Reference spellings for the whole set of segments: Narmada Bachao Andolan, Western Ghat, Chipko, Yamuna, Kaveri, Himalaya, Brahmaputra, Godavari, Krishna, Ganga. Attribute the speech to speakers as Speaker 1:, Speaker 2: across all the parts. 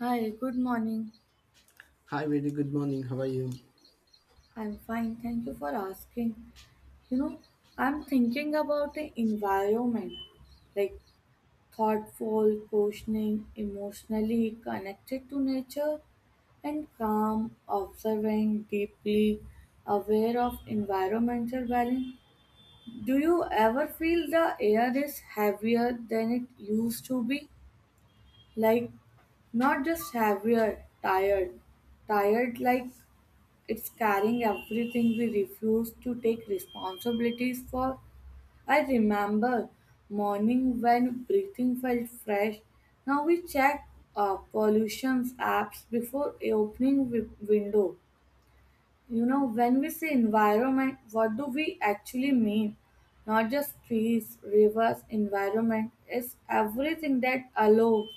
Speaker 1: Hi, good morning.
Speaker 2: Hi, very good morning. How are you?
Speaker 1: I'm fine. Thank you for asking. You know, I'm thinking about the environment, like thoughtful, questioning, emotionally connected to nature, and calm, observing, deeply aware of environmental balance. Do you ever feel the air is heavier than it used to be? Like, not just heavier, tired like it's carrying everything we refuse to take responsibilities for. I remember morning when breathing felt fresh. Now we check pollution apps before opening window. You know, when we say environment, what do we actually mean? Not just trees, rivers, environment. It's everything that allows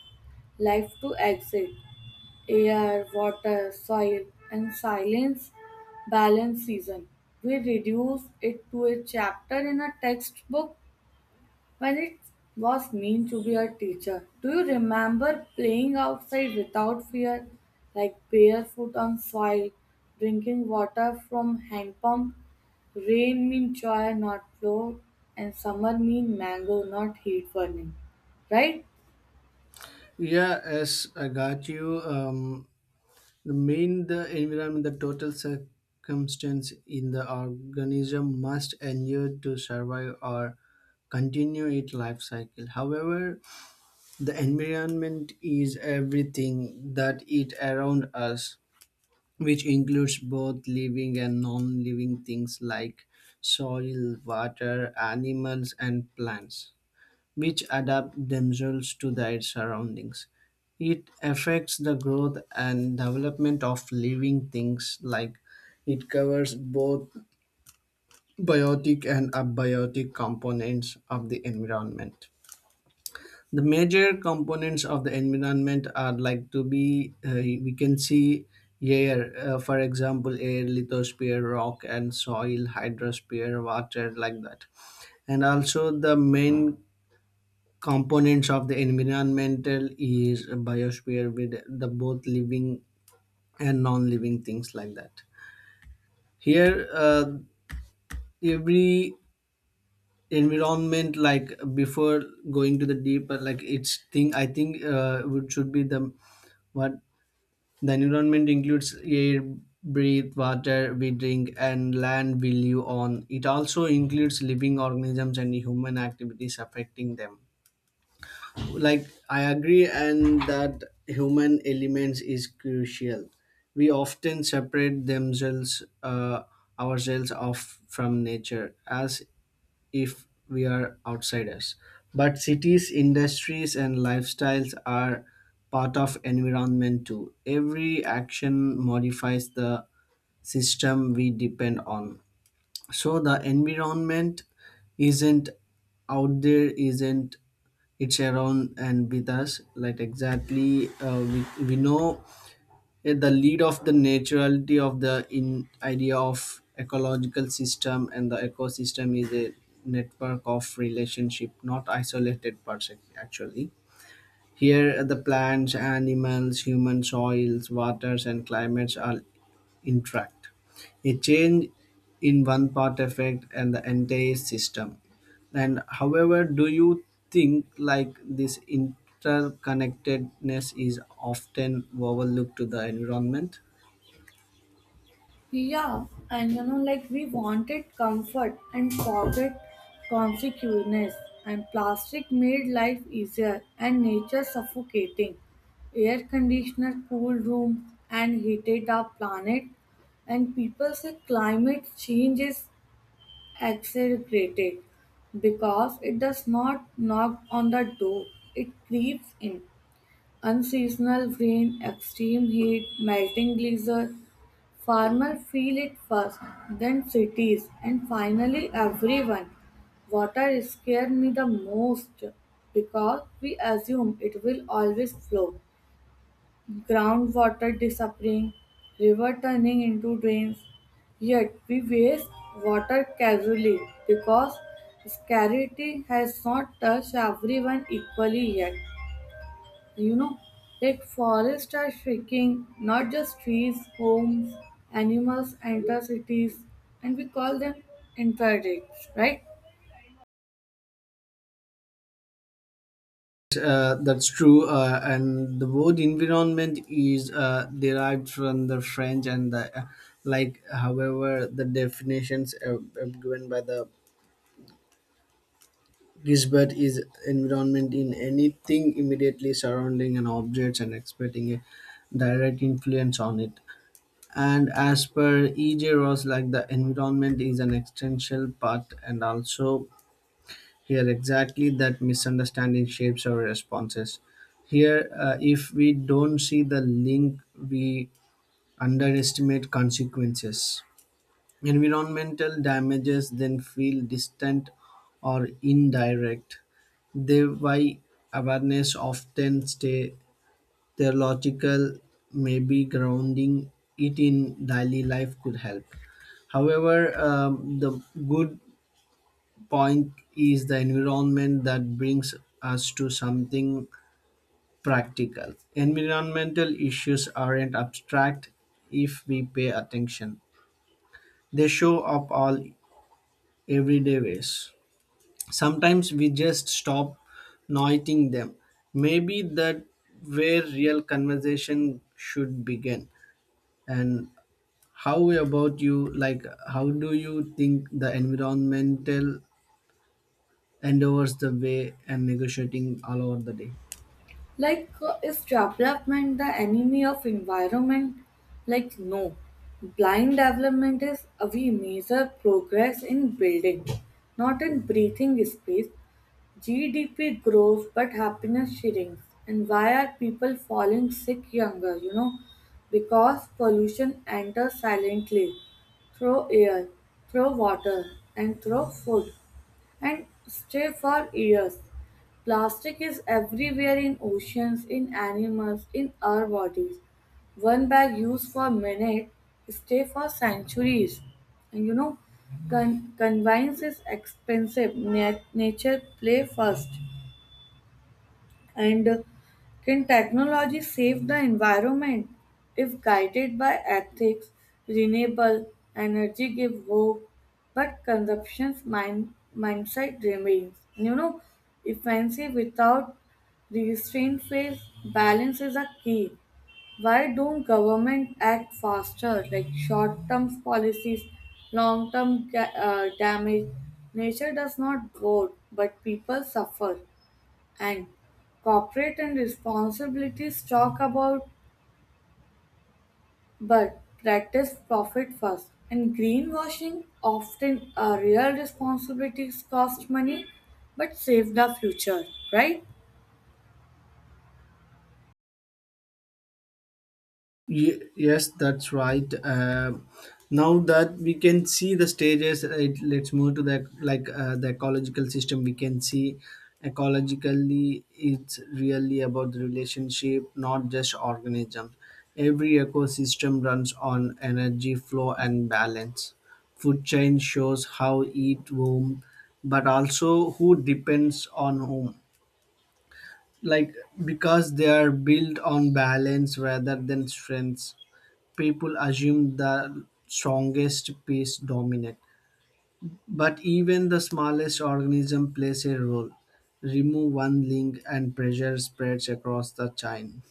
Speaker 1: life to exist, air, water, soil, and silence, balance, season. We reduce it to a chapter in a textbook when it was meant to be a teacher. Do you remember playing outside without fear, like barefoot on soil, drinking water from hand pump? Rain mean joy, not flow, and summer mean mango, not heat burning. Right?
Speaker 2: Yeah, as I got you, the environment, the total circumstance in the organism must endure to survive or continue its life cycle. However, the environment is everything that it around us, which includes both living and non-living things like soil, water, animals, and plants, which adapt themselves to their surroundings. It affects the growth and development of living things, like it covers both biotic and abiotic components of the environment. The major components of the environment are like to be, we can see air, for example, air, lithosphere, rock, and soil, hydrosphere, water, like that, and also the main components of the environmental is biosphere with the both living and non-living things like that. Here, every environment, like, before going to the deeper like it's thing, I think would should be the what. The environment includes air, breathe water we drink, and land we live on. It also includes living organisms and human activities affecting them. Like, I agree and that human elements is crucial. We often separate themselves ourselves off from nature as if we are outsiders, but cities, industries, and lifestyles are part of environment too. Every action modifies the system we depend on. So the environment isn't out there, isn't, it's around and with us. Like, exactly, we know at the lead of the naturality of the in idea of ecological system, and the ecosystem is a network of relationship, not isolated parts. Actually, here, the plants, animals, human, soils, waters, and climates all interact. A change in one part affects and the entire system. And however, do you think like this interconnectedness is often overlooked to the environment?
Speaker 1: Yeah, and you know, like we wanted comfort and forget consequences, and plastic made life easier and nature suffocating. Air conditioner, cool room, and heated our planet. And people say climate change is accelerated because it does not knock on the door, it creeps in. Unseasonal rain, extreme heat, melting glacier. Farmers feel it first, then cities, and finally everyone. Water scares me the most because we assume it will always flow. Groundwater disappearing, river turning into drains. Yet we waste water casually because scarcity has not touched everyone equally yet. You know, like forests are shrinking, not just trees, homes, animals enter cities and we call them interdicts, right?
Speaker 2: That's true. And the word environment is derived from the french and the like. However, the definitions given by the Gisbert is environment in anything immediately surrounding an object and expecting a direct influence on it. And as per E.J. Ross, like, the environment is an essential part, and also here, exactly that misunderstanding shapes our responses. Here, if we don't see the link, we underestimate consequences. Environmental damages then feel distant or indirect. They why awareness often stay theological, maybe grounding it in daily life could help. However, the good point is the environment that brings us to something practical. Environmental issues aren't abstract if we pay attention. They show up all everyday ways. Sometimes we just stop noting them. Maybe that where real conversation should begin. And how about you? Like, how do you think the environmental endures the way and negotiating all over the day?
Speaker 1: Like, is development the enemy of environment? Like, no, blind development is, we measure progress in building, not in breathing space. GDP grows but happiness shrinks. And why are people falling sick younger? You know, because pollution enters silently through air, through water, and through food, and stay for years. Plastic is everywhere, in oceans, in animals, in our bodies. One bag used for a minute stay for centuries. And you know, convenience is expensive. Nature play first. And can technology save the environment if guided by ethics? Renewable energy give hope, but consumption's mind mindset remains. You know, efficiency without restraint fails. Balance is a key. Why don't government act faster, like short-term policies, long-term damage? Nature does not grow, but people suffer. And corporate and responsibilities talk about, but practice profit first. And greenwashing often real responsibilities cost money, but save the future, right?
Speaker 2: Yes, that's right. Now that we can see the stages, it, let's move to the like, the ecological system. We can see ecologically, it's really about the relationship, not just organism. Every ecosystem runs on energy flow and balance. Food chain shows how eat whom, but also who depends on whom. Like, because they are built on balance rather than strengths, people assume the strongest piece dominate, but even the smallest organism plays a role. Remove one link and pressure spreads across the chain.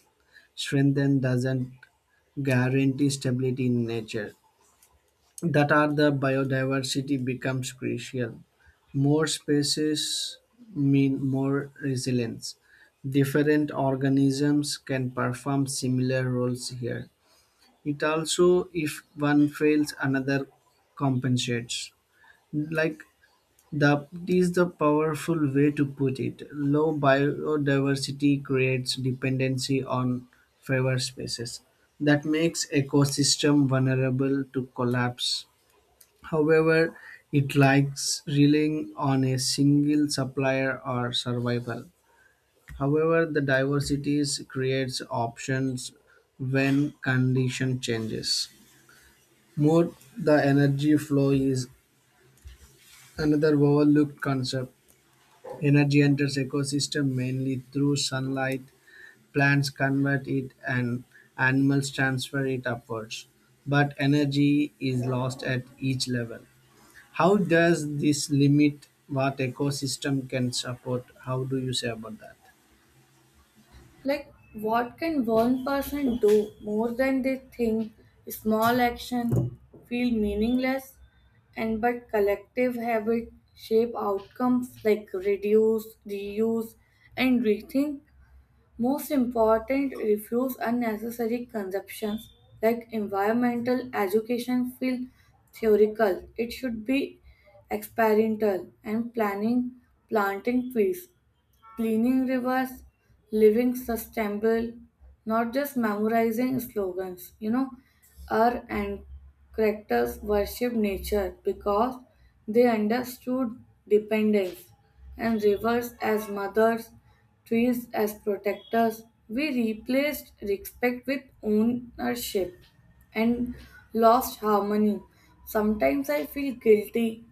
Speaker 2: Strengthen doesn't guarantee stability in nature. That are the biodiversity becomes crucial. More species mean more resilience. Different organisms can perform similar roles here. It also, if one fails, another compensates. Like the is the powerful way to put it. Low biodiversity creates dependency on favored species. That makes ecosystem vulnerable to collapse. However, it likes relying on a single supplier or survival. However, the diversities creates options when condition changes. Mode the energy flow is another overlooked concept. Energy enters ecosystem mainly through sunlight. Plants convert it and animals transfer it upwards. But energy is lost at each level. How does this limit what ecosystem can support? How do you say about that?
Speaker 1: Like, what can one person do more than they think? Small action feel meaningless, and but collective habit shape outcomes like reduce, reuse, and rethink. Most important, refuse unnecessary consumptions, like environmental education feel theoretical. It should be experimental and planning planting trees, cleaning rivers, living sustainable, not just memorizing slogans. You know, our ancestors characters worship nature because they understood dependence, and rivers as mothers, trees as protectors. We replaced respect with ownership and lost harmony. Sometimes I feel guilty.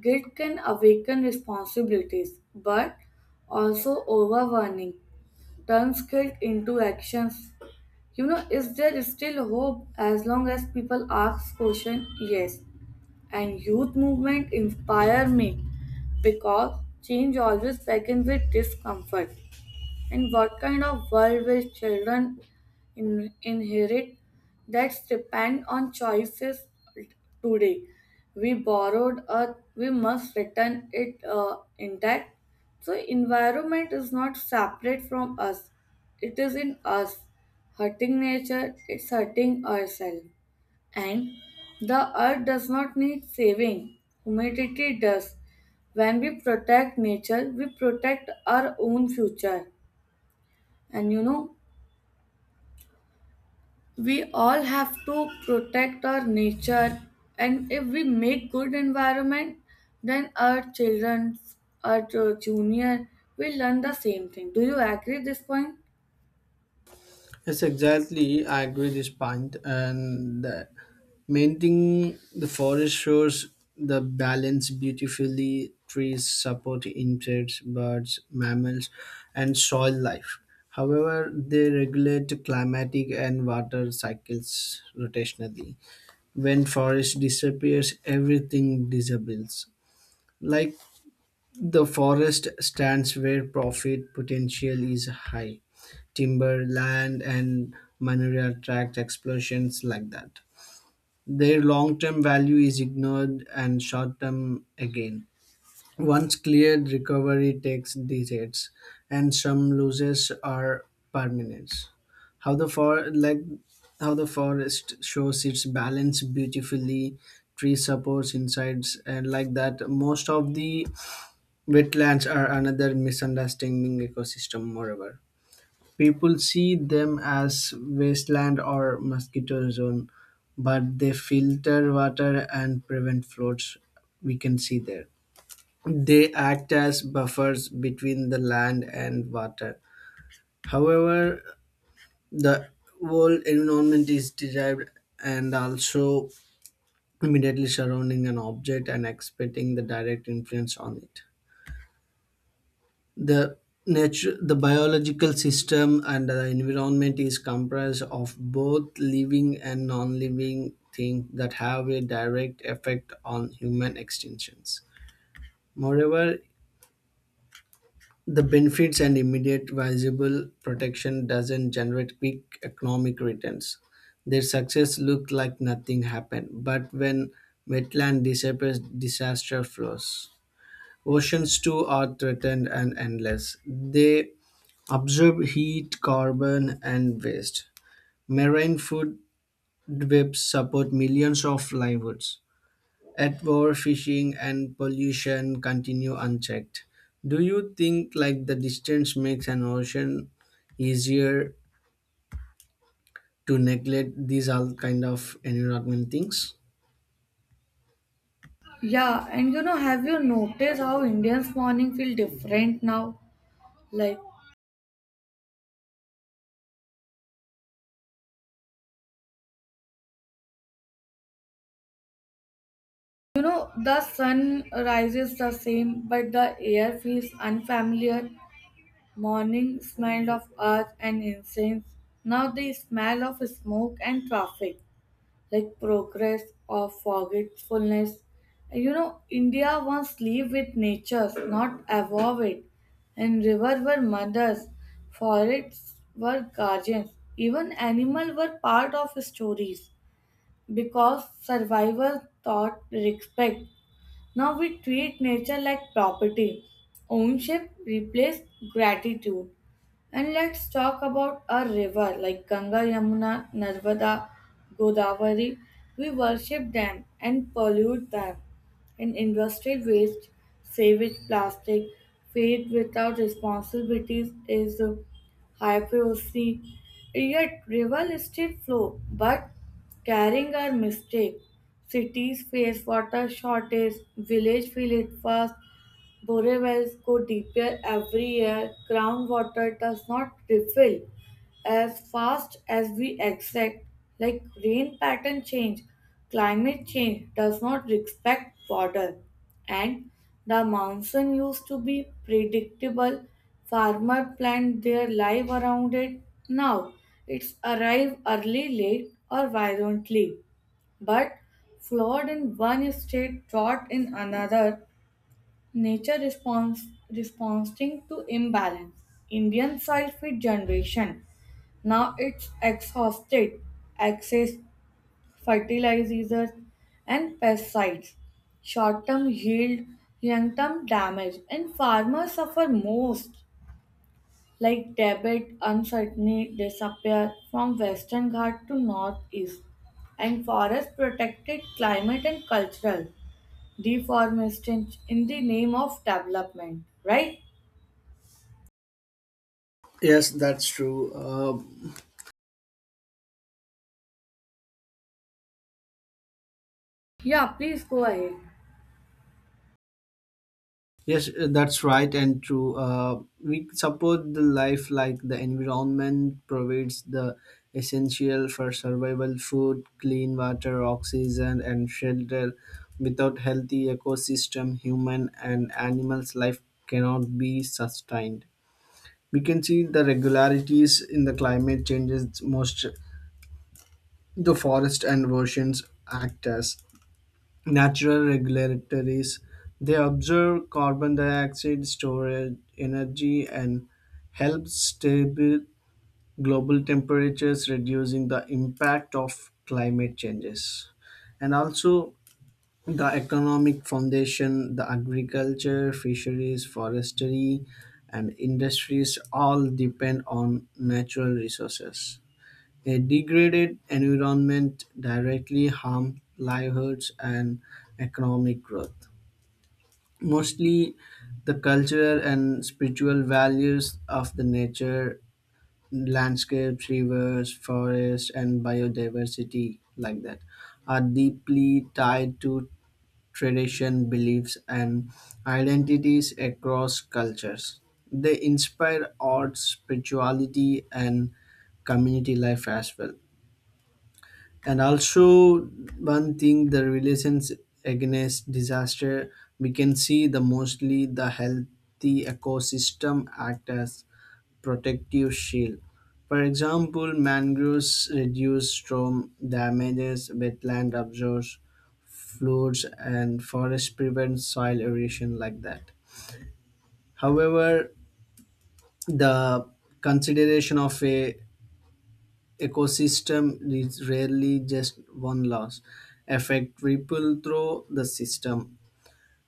Speaker 1: Guilt can awaken responsibilities, but also overwhelming. Turns guilt into actions. You know, is there still hope as long as people ask question? Yes. And youth movement inspire me because change always begins with discomfort. And what kind of world will children inherit? That's depend on choices today. We borrowed earth, we must return it intact. So environment is not separate from us. It is in us. Hurting nature, it's hurting ourselves. And the earth does not need saving. Humanity does. When we protect nature, we protect our own future. And you know, we all have to protect our nature. And if we make good environment, then our children, our junior will learn the same thing. Do you agree this point?
Speaker 2: Yes, exactly. I agree this point, and the maintaining the forest shows the balance beautifully. Trees support insects, birds, mammals, and soil life. However, they regulate climatic and water cycles rotationally. When forest disappears, everything disappears. Like, the forest stands where profit potential is high. Timber, land, and mineral attract explosions like that. Their long term value is ignored and short term again. Once cleared, recovery takes decades, and some losses are permanent. How the like how the forest shows its balance beautifully, tree supports insides, and like that. Most of the wetlands are another misunderstanding ecosystem, moreover. People see them as wasteland or mosquito zone, but they filter water and prevent floods, we can see there. They act as buffers between the land and water. However, the whole environment is derived and also immediately surrounding an object and expecting the direct influence on it. The nature, the biological system, and the environment is comprised of both living and non-living things that have a direct effect on human extinctions. Moreover, the benefits and immediate visible protection doesn't generate quick economic returns. Their success looked like nothing happened, but when wetland disappears, disaster flows. Oceans too are threatened and endless. They absorb heat, carbon, and waste. Marine food webs support millions of livelihoods. At war, fishing and pollution continue unchecked. Do you think like the distance makes an ocean easier to neglect these all kind of environment things?
Speaker 1: Yeah, and you know, have you noticed how Indians morning feel different now? Like, you know, the sun rises the same, but the air feels unfamiliar. Morning smell of earth and incense. Now the smell of smoke and traffic. Like progress or forgetfulness. You know, India once lived with nature, not above it, and rivers were mothers, forests were guardians, even animals were part of stories because survival taught respect. Now we treat nature like property, ownership replaced gratitude. And let's talk about a river like Ganga, Yamuna, Narmada, Godavari. We worship them and pollute them. And industrial waste, savage plastic, fade without responsibilities is hypocrisy, yet rivals still flow, but carrying our mistake. Cities face water shortage, village feel it fast, borewells go deeper every year, groundwater does not refill as fast as we expect, like rain pattern change, climate change does not respect water, and the monsoon used to be predictable. Farmer planned their life around it. Now it's arrive early, late, or violently, but flawed in one state, taught in another. Nature response responding to imbalance. Indian soil feed generation. Now it's exhausted access fertilizers and pesticides. Short term yield, long term damage, and farmers suffer most, like Tibet uncertainly disappear from western Ghat to northeast, and forest protected climate and cultural deforestation in the name of development, right?
Speaker 2: Yes, that's true.
Speaker 1: Yeah, please go ahead.
Speaker 2: Yes, that's right and true. We support the life like the environment provides the essential for survival: food, clean water, oxygen, and shelter. Without healthy ecosystem, human and animals' life cannot be sustained. We can see the regularities in the climate changes. Most the forest and oceans act as natural regulatories. They observe carbon dioxide storage energy and help stable global temperatures, reducing the impact of climate changes. And also the economic foundation: the agriculture, fisheries, forestry, and industries all depend on natural resources. A degraded environment directly harms livelihoods and economic growth. Mostly, the cultural and spiritual values of the nature, landscapes, rivers, forests, and biodiversity, like that, are deeply tied to tradition, beliefs, and identities across cultures. They inspire arts, spirituality, and community life as well. And also, one thing, the relations against disaster, we can see the mostly the healthy ecosystem act as protective shield. For example, mangroves reduce storm damages, wetland absorbs floods, and forest prevent soil erosion like that. However, the consideration of a ecosystem is rarely just one loss affect ripple through the system,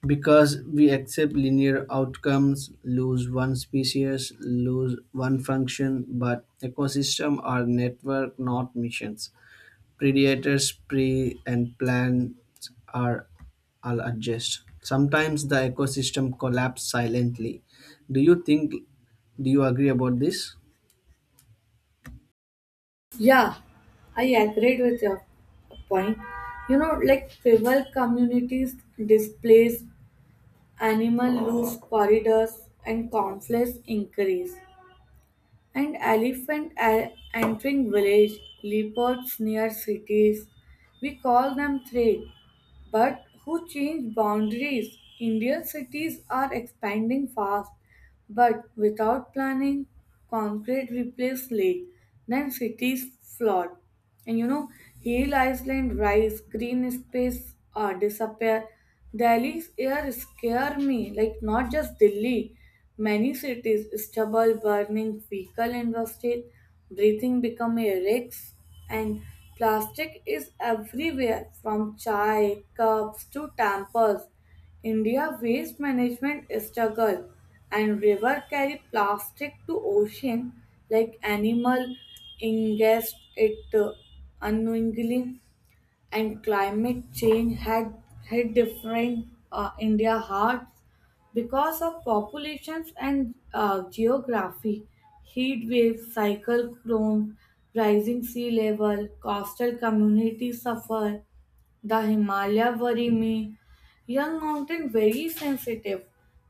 Speaker 2: because we accept linear outcomes: lose one species, lose one function, but ecosystem are network, not missions. Predators, prey, and plants are all adjust. Sometimes the ecosystem collapse silently. Do you think, do you agree about this?
Speaker 1: Yeah, I agreed with your point. You know, like tribal communities displaced, animal loose corridors, and conflicts increase. And elephant entering village, leopards near cities. We call them threat, but who change boundaries? Indian cities are expanding fast, but without planning, concrete replaces lake, then cities flood. And you know, hill island rise, green space disappear. Delhi's air scare me, like not just Delhi. Many cities, stubble, burning vehicle industry, breathing become a risk, and plastic is everywhere from chai cups to tampers. India waste management struggle, and river carry plastic to ocean like animal ingest it unknowingly, and climate change had hit different India hard because of populations and geography, heat waves, cyclone, rising sea level, coastal communities suffer, the Himalaya worry me. Young mountain very sensitive.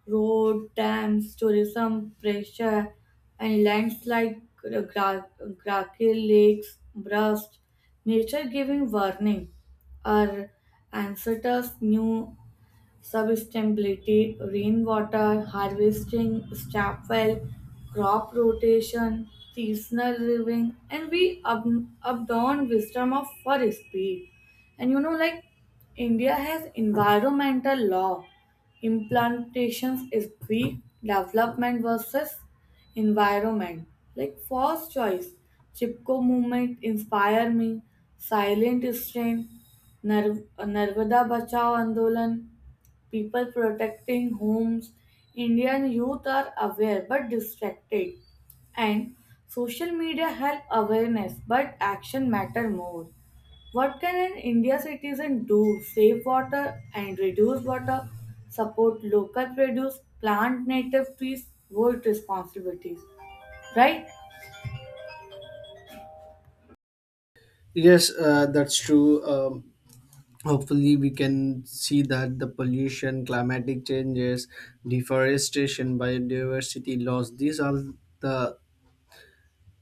Speaker 1: Road, dams, tourism, pressure, and landslides, grackle lakes, burst. Nature giving warning. Our ancestors knew sustainability, rainwater harvesting, staff well, crop rotation, seasonal living, and we ab updawn wisdom of for speed. And you know, like India has environmental law, implantations is weak, development versus environment. Like first choice, Chipko movement inspire me, silent strain, Narvada Bachao Andolan, people protecting homes. Indian youth are aware but distracted, and social media help awareness, but action matter more. What can an India citizen do? Save water and reduce water, support local produce, plant native trees, vote responsibilities. Right?
Speaker 2: Yes, that's true. Hopefully we can see that the pollution, climatic changes, deforestation, biodiversity loss, these are the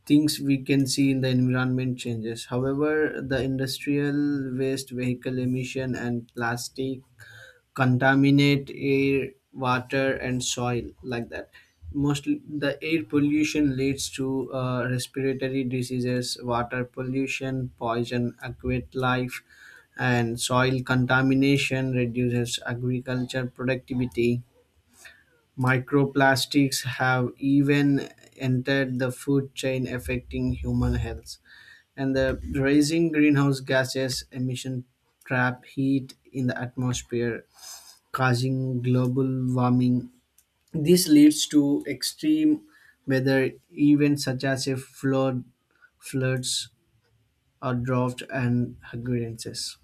Speaker 2: things we can see in the environment changes. However, the industrial waste, vehicle emission, and plastic contaminate air, water, and soil like that. Mostly, the air pollution leads to respiratory diseases, water pollution, poison, aquatic life, and soil contamination reduces agriculture productivity. Microplastics have even entered the food chain, affecting human health. And the rising greenhouse gases emission trap heat in the atmosphere, causing global warming. This leads to extreme weather events such as floods, or drought and hurricanes.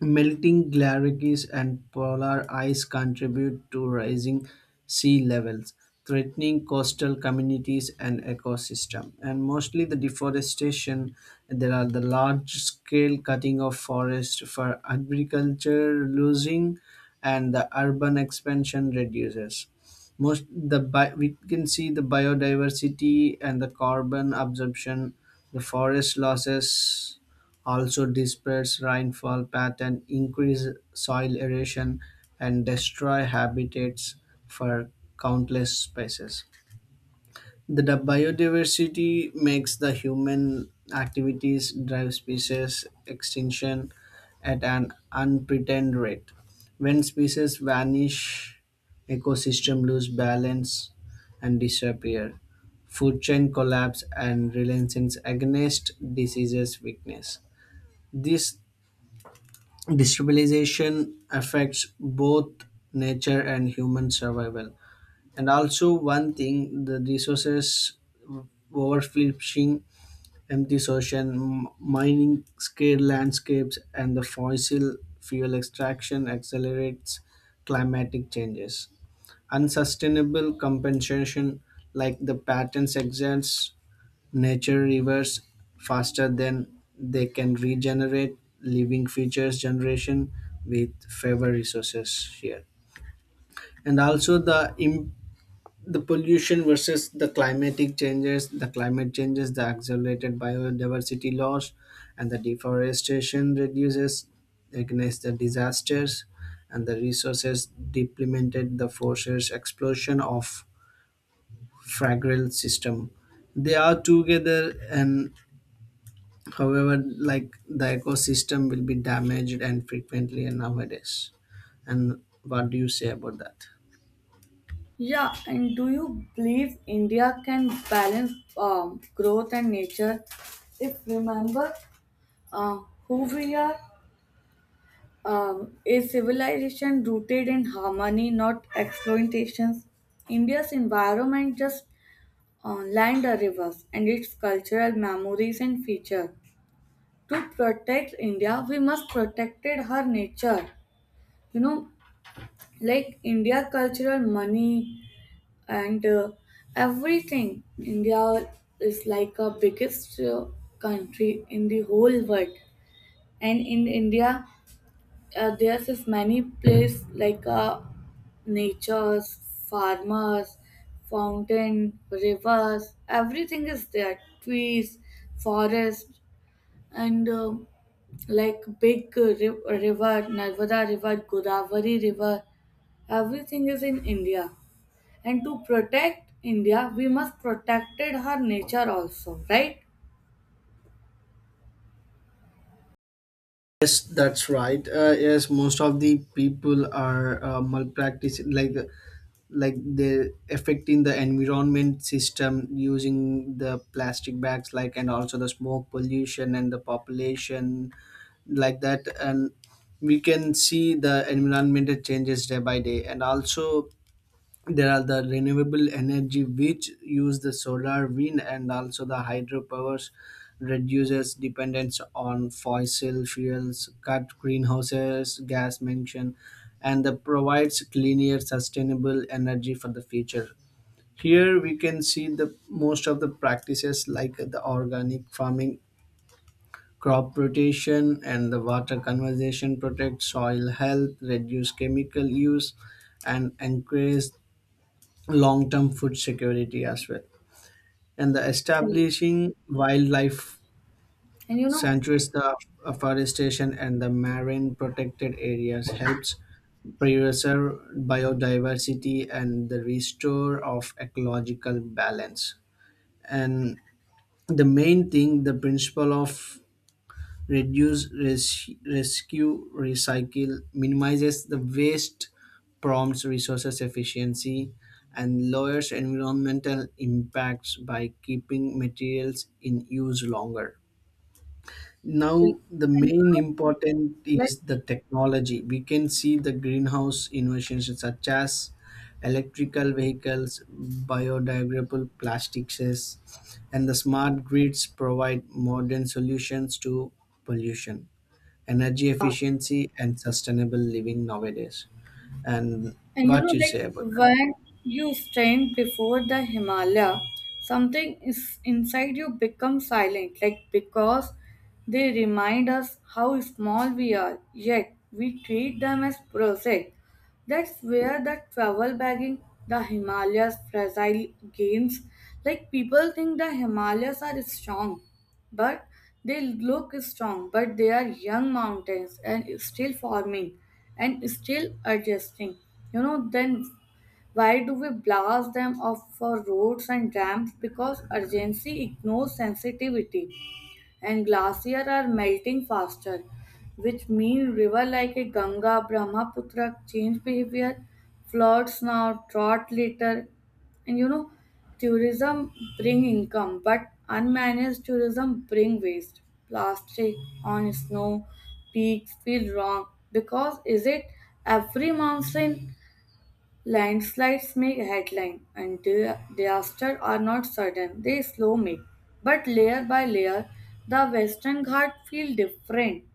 Speaker 2: Melting glaciers and polar ice contribute to rising sea levels, threatening coastal communities and ecosystem. And mostly the deforestation, there are the large scale cutting of forest for agriculture losing and the urban expansion reduces. Most the we can see the biodiversity and the carbon absorption, the forest losses also disperse rainfall pattern, increase soil erosion, and destroy habitats for countless species. The biodiversity makes the human activities drive species extinction at an unpretended rate. When species vanish, ecosystem lose balance and disappear. Food chain collapse and resilience against diseases weakness. This destabilization affects both nature and human survival. And also one thing, the resources: overfishing empty ocean, mining scale landscapes, and the fossil fuel extraction accelerates climatic changes, unsustainable compensation like the patents, exist. Nature reverses faster than they can regenerate, living features generation with fewer resources here. And also the the pollution versus the climatic changes, the climate changes, the accelerated biodiversity loss, and the deforestation reduces against the disasters, and the resources deplemented the forces explosion of fragile system, they are together an. However, like the ecosystem will be damaged and frequently and nowadays. And what do you say about that?
Speaker 1: Yeah, and do you believe India can balance growth and nature? If remember, uh, who we are. A civilization rooted in harmony, not exploitations. India's environment just lined a reverse and its cultural memories and features. To protect India, we must protected her nature. You know, like India cultural money and everything. India is like a biggest country in the whole world, and in India there's this many place like nature's farmers, fountain, rivers, everything is there, trees, forest, and like big river Narmada river, Godavari river, everything is in India, and to protect India we must protected her nature also, right?
Speaker 2: Yes, that's right. Yes, most of the people are malpracticing, like they affecting the environment system using the plastic bags, like, and also the smoke pollution and the population, like that. And we can see the environmental changes day by day, and also there are the renewable energy which use the solar, wind, and also the hydropowers reduces dependence on fossil fuels, cut greenhouses, gas mention, and the provides cleaner, sustainable energy for the future. Here we can see the most of the practices like the organic farming, crop rotation, and the water conservation protect soil health, reduce chemical use, and encourage long-term food security as well. And the
Speaker 1: Hmm.
Speaker 2: establishing wildlife
Speaker 1: and you know
Speaker 2: sanctuaries, the afforestation and the marine protected areas helps preserve biodiversity and the restore of ecological balance. And the main thing, the principle of reduce, rescue, recycle, minimizes the waste, prompts resources efficiency, and lowers environmental impacts by keeping materials in use longer. Now, the
Speaker 1: and you
Speaker 2: main
Speaker 1: know,
Speaker 2: important
Speaker 1: like
Speaker 2: is the technology. We can see the greenhouse innovations such as electrical vehicles, biodegradable plastics, and the smart grids provide modern solutions to pollution, energy efficiency, and sustainable living nowadays. And
Speaker 1: And you
Speaker 2: what
Speaker 1: know,
Speaker 2: you
Speaker 1: like
Speaker 2: say about that?
Speaker 1: when you stand before the Himalaya, something is inside you becomes silent, like because they remind us how small we are, yet we treat them as project. That's where the travel bagging, the Himalayas fragile games. Like people think the Himalayas are strong, but they look strong, but they are young mountains and still forming and still adjusting. You know, then why do we blast them off for roads and dams? Because urgency ignores sensitivity, and glaciers are melting faster, which mean river like a Ganga, Brahmaputra change behavior, floods now, drought later, and you know, tourism bring income, but unmanaged tourism bring waste. Plastic on snow peaks feel wrong because is it every mountain. Landslides make headline, and disaster are not sudden, they slow make. But layer by layer, the Western Ghat feel different.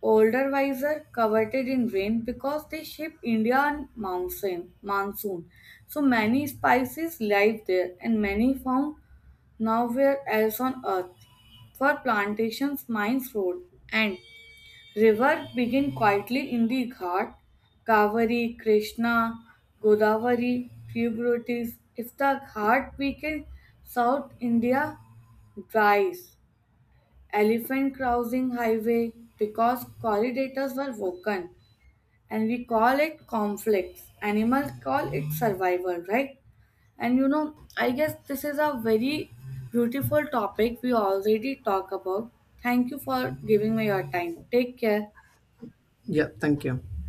Speaker 1: Older wiser, coveted in rain because they shape Indian monsoon. So many spices live there and many found nowhere else on earth. For plantations, mines, road, and rivers begin quietly in the Ghat, Kaveri, Krishna, Godavari, tributaries. If the Ghat weakens, South India dries. Elephant crossing highway because corridors were broken, and we call it conflicts. Animals call it survival, right? And you know, I guess this is a very beautiful topic we already talk about. Thank you for giving me your time. Take care.
Speaker 2: Yeah, thank you.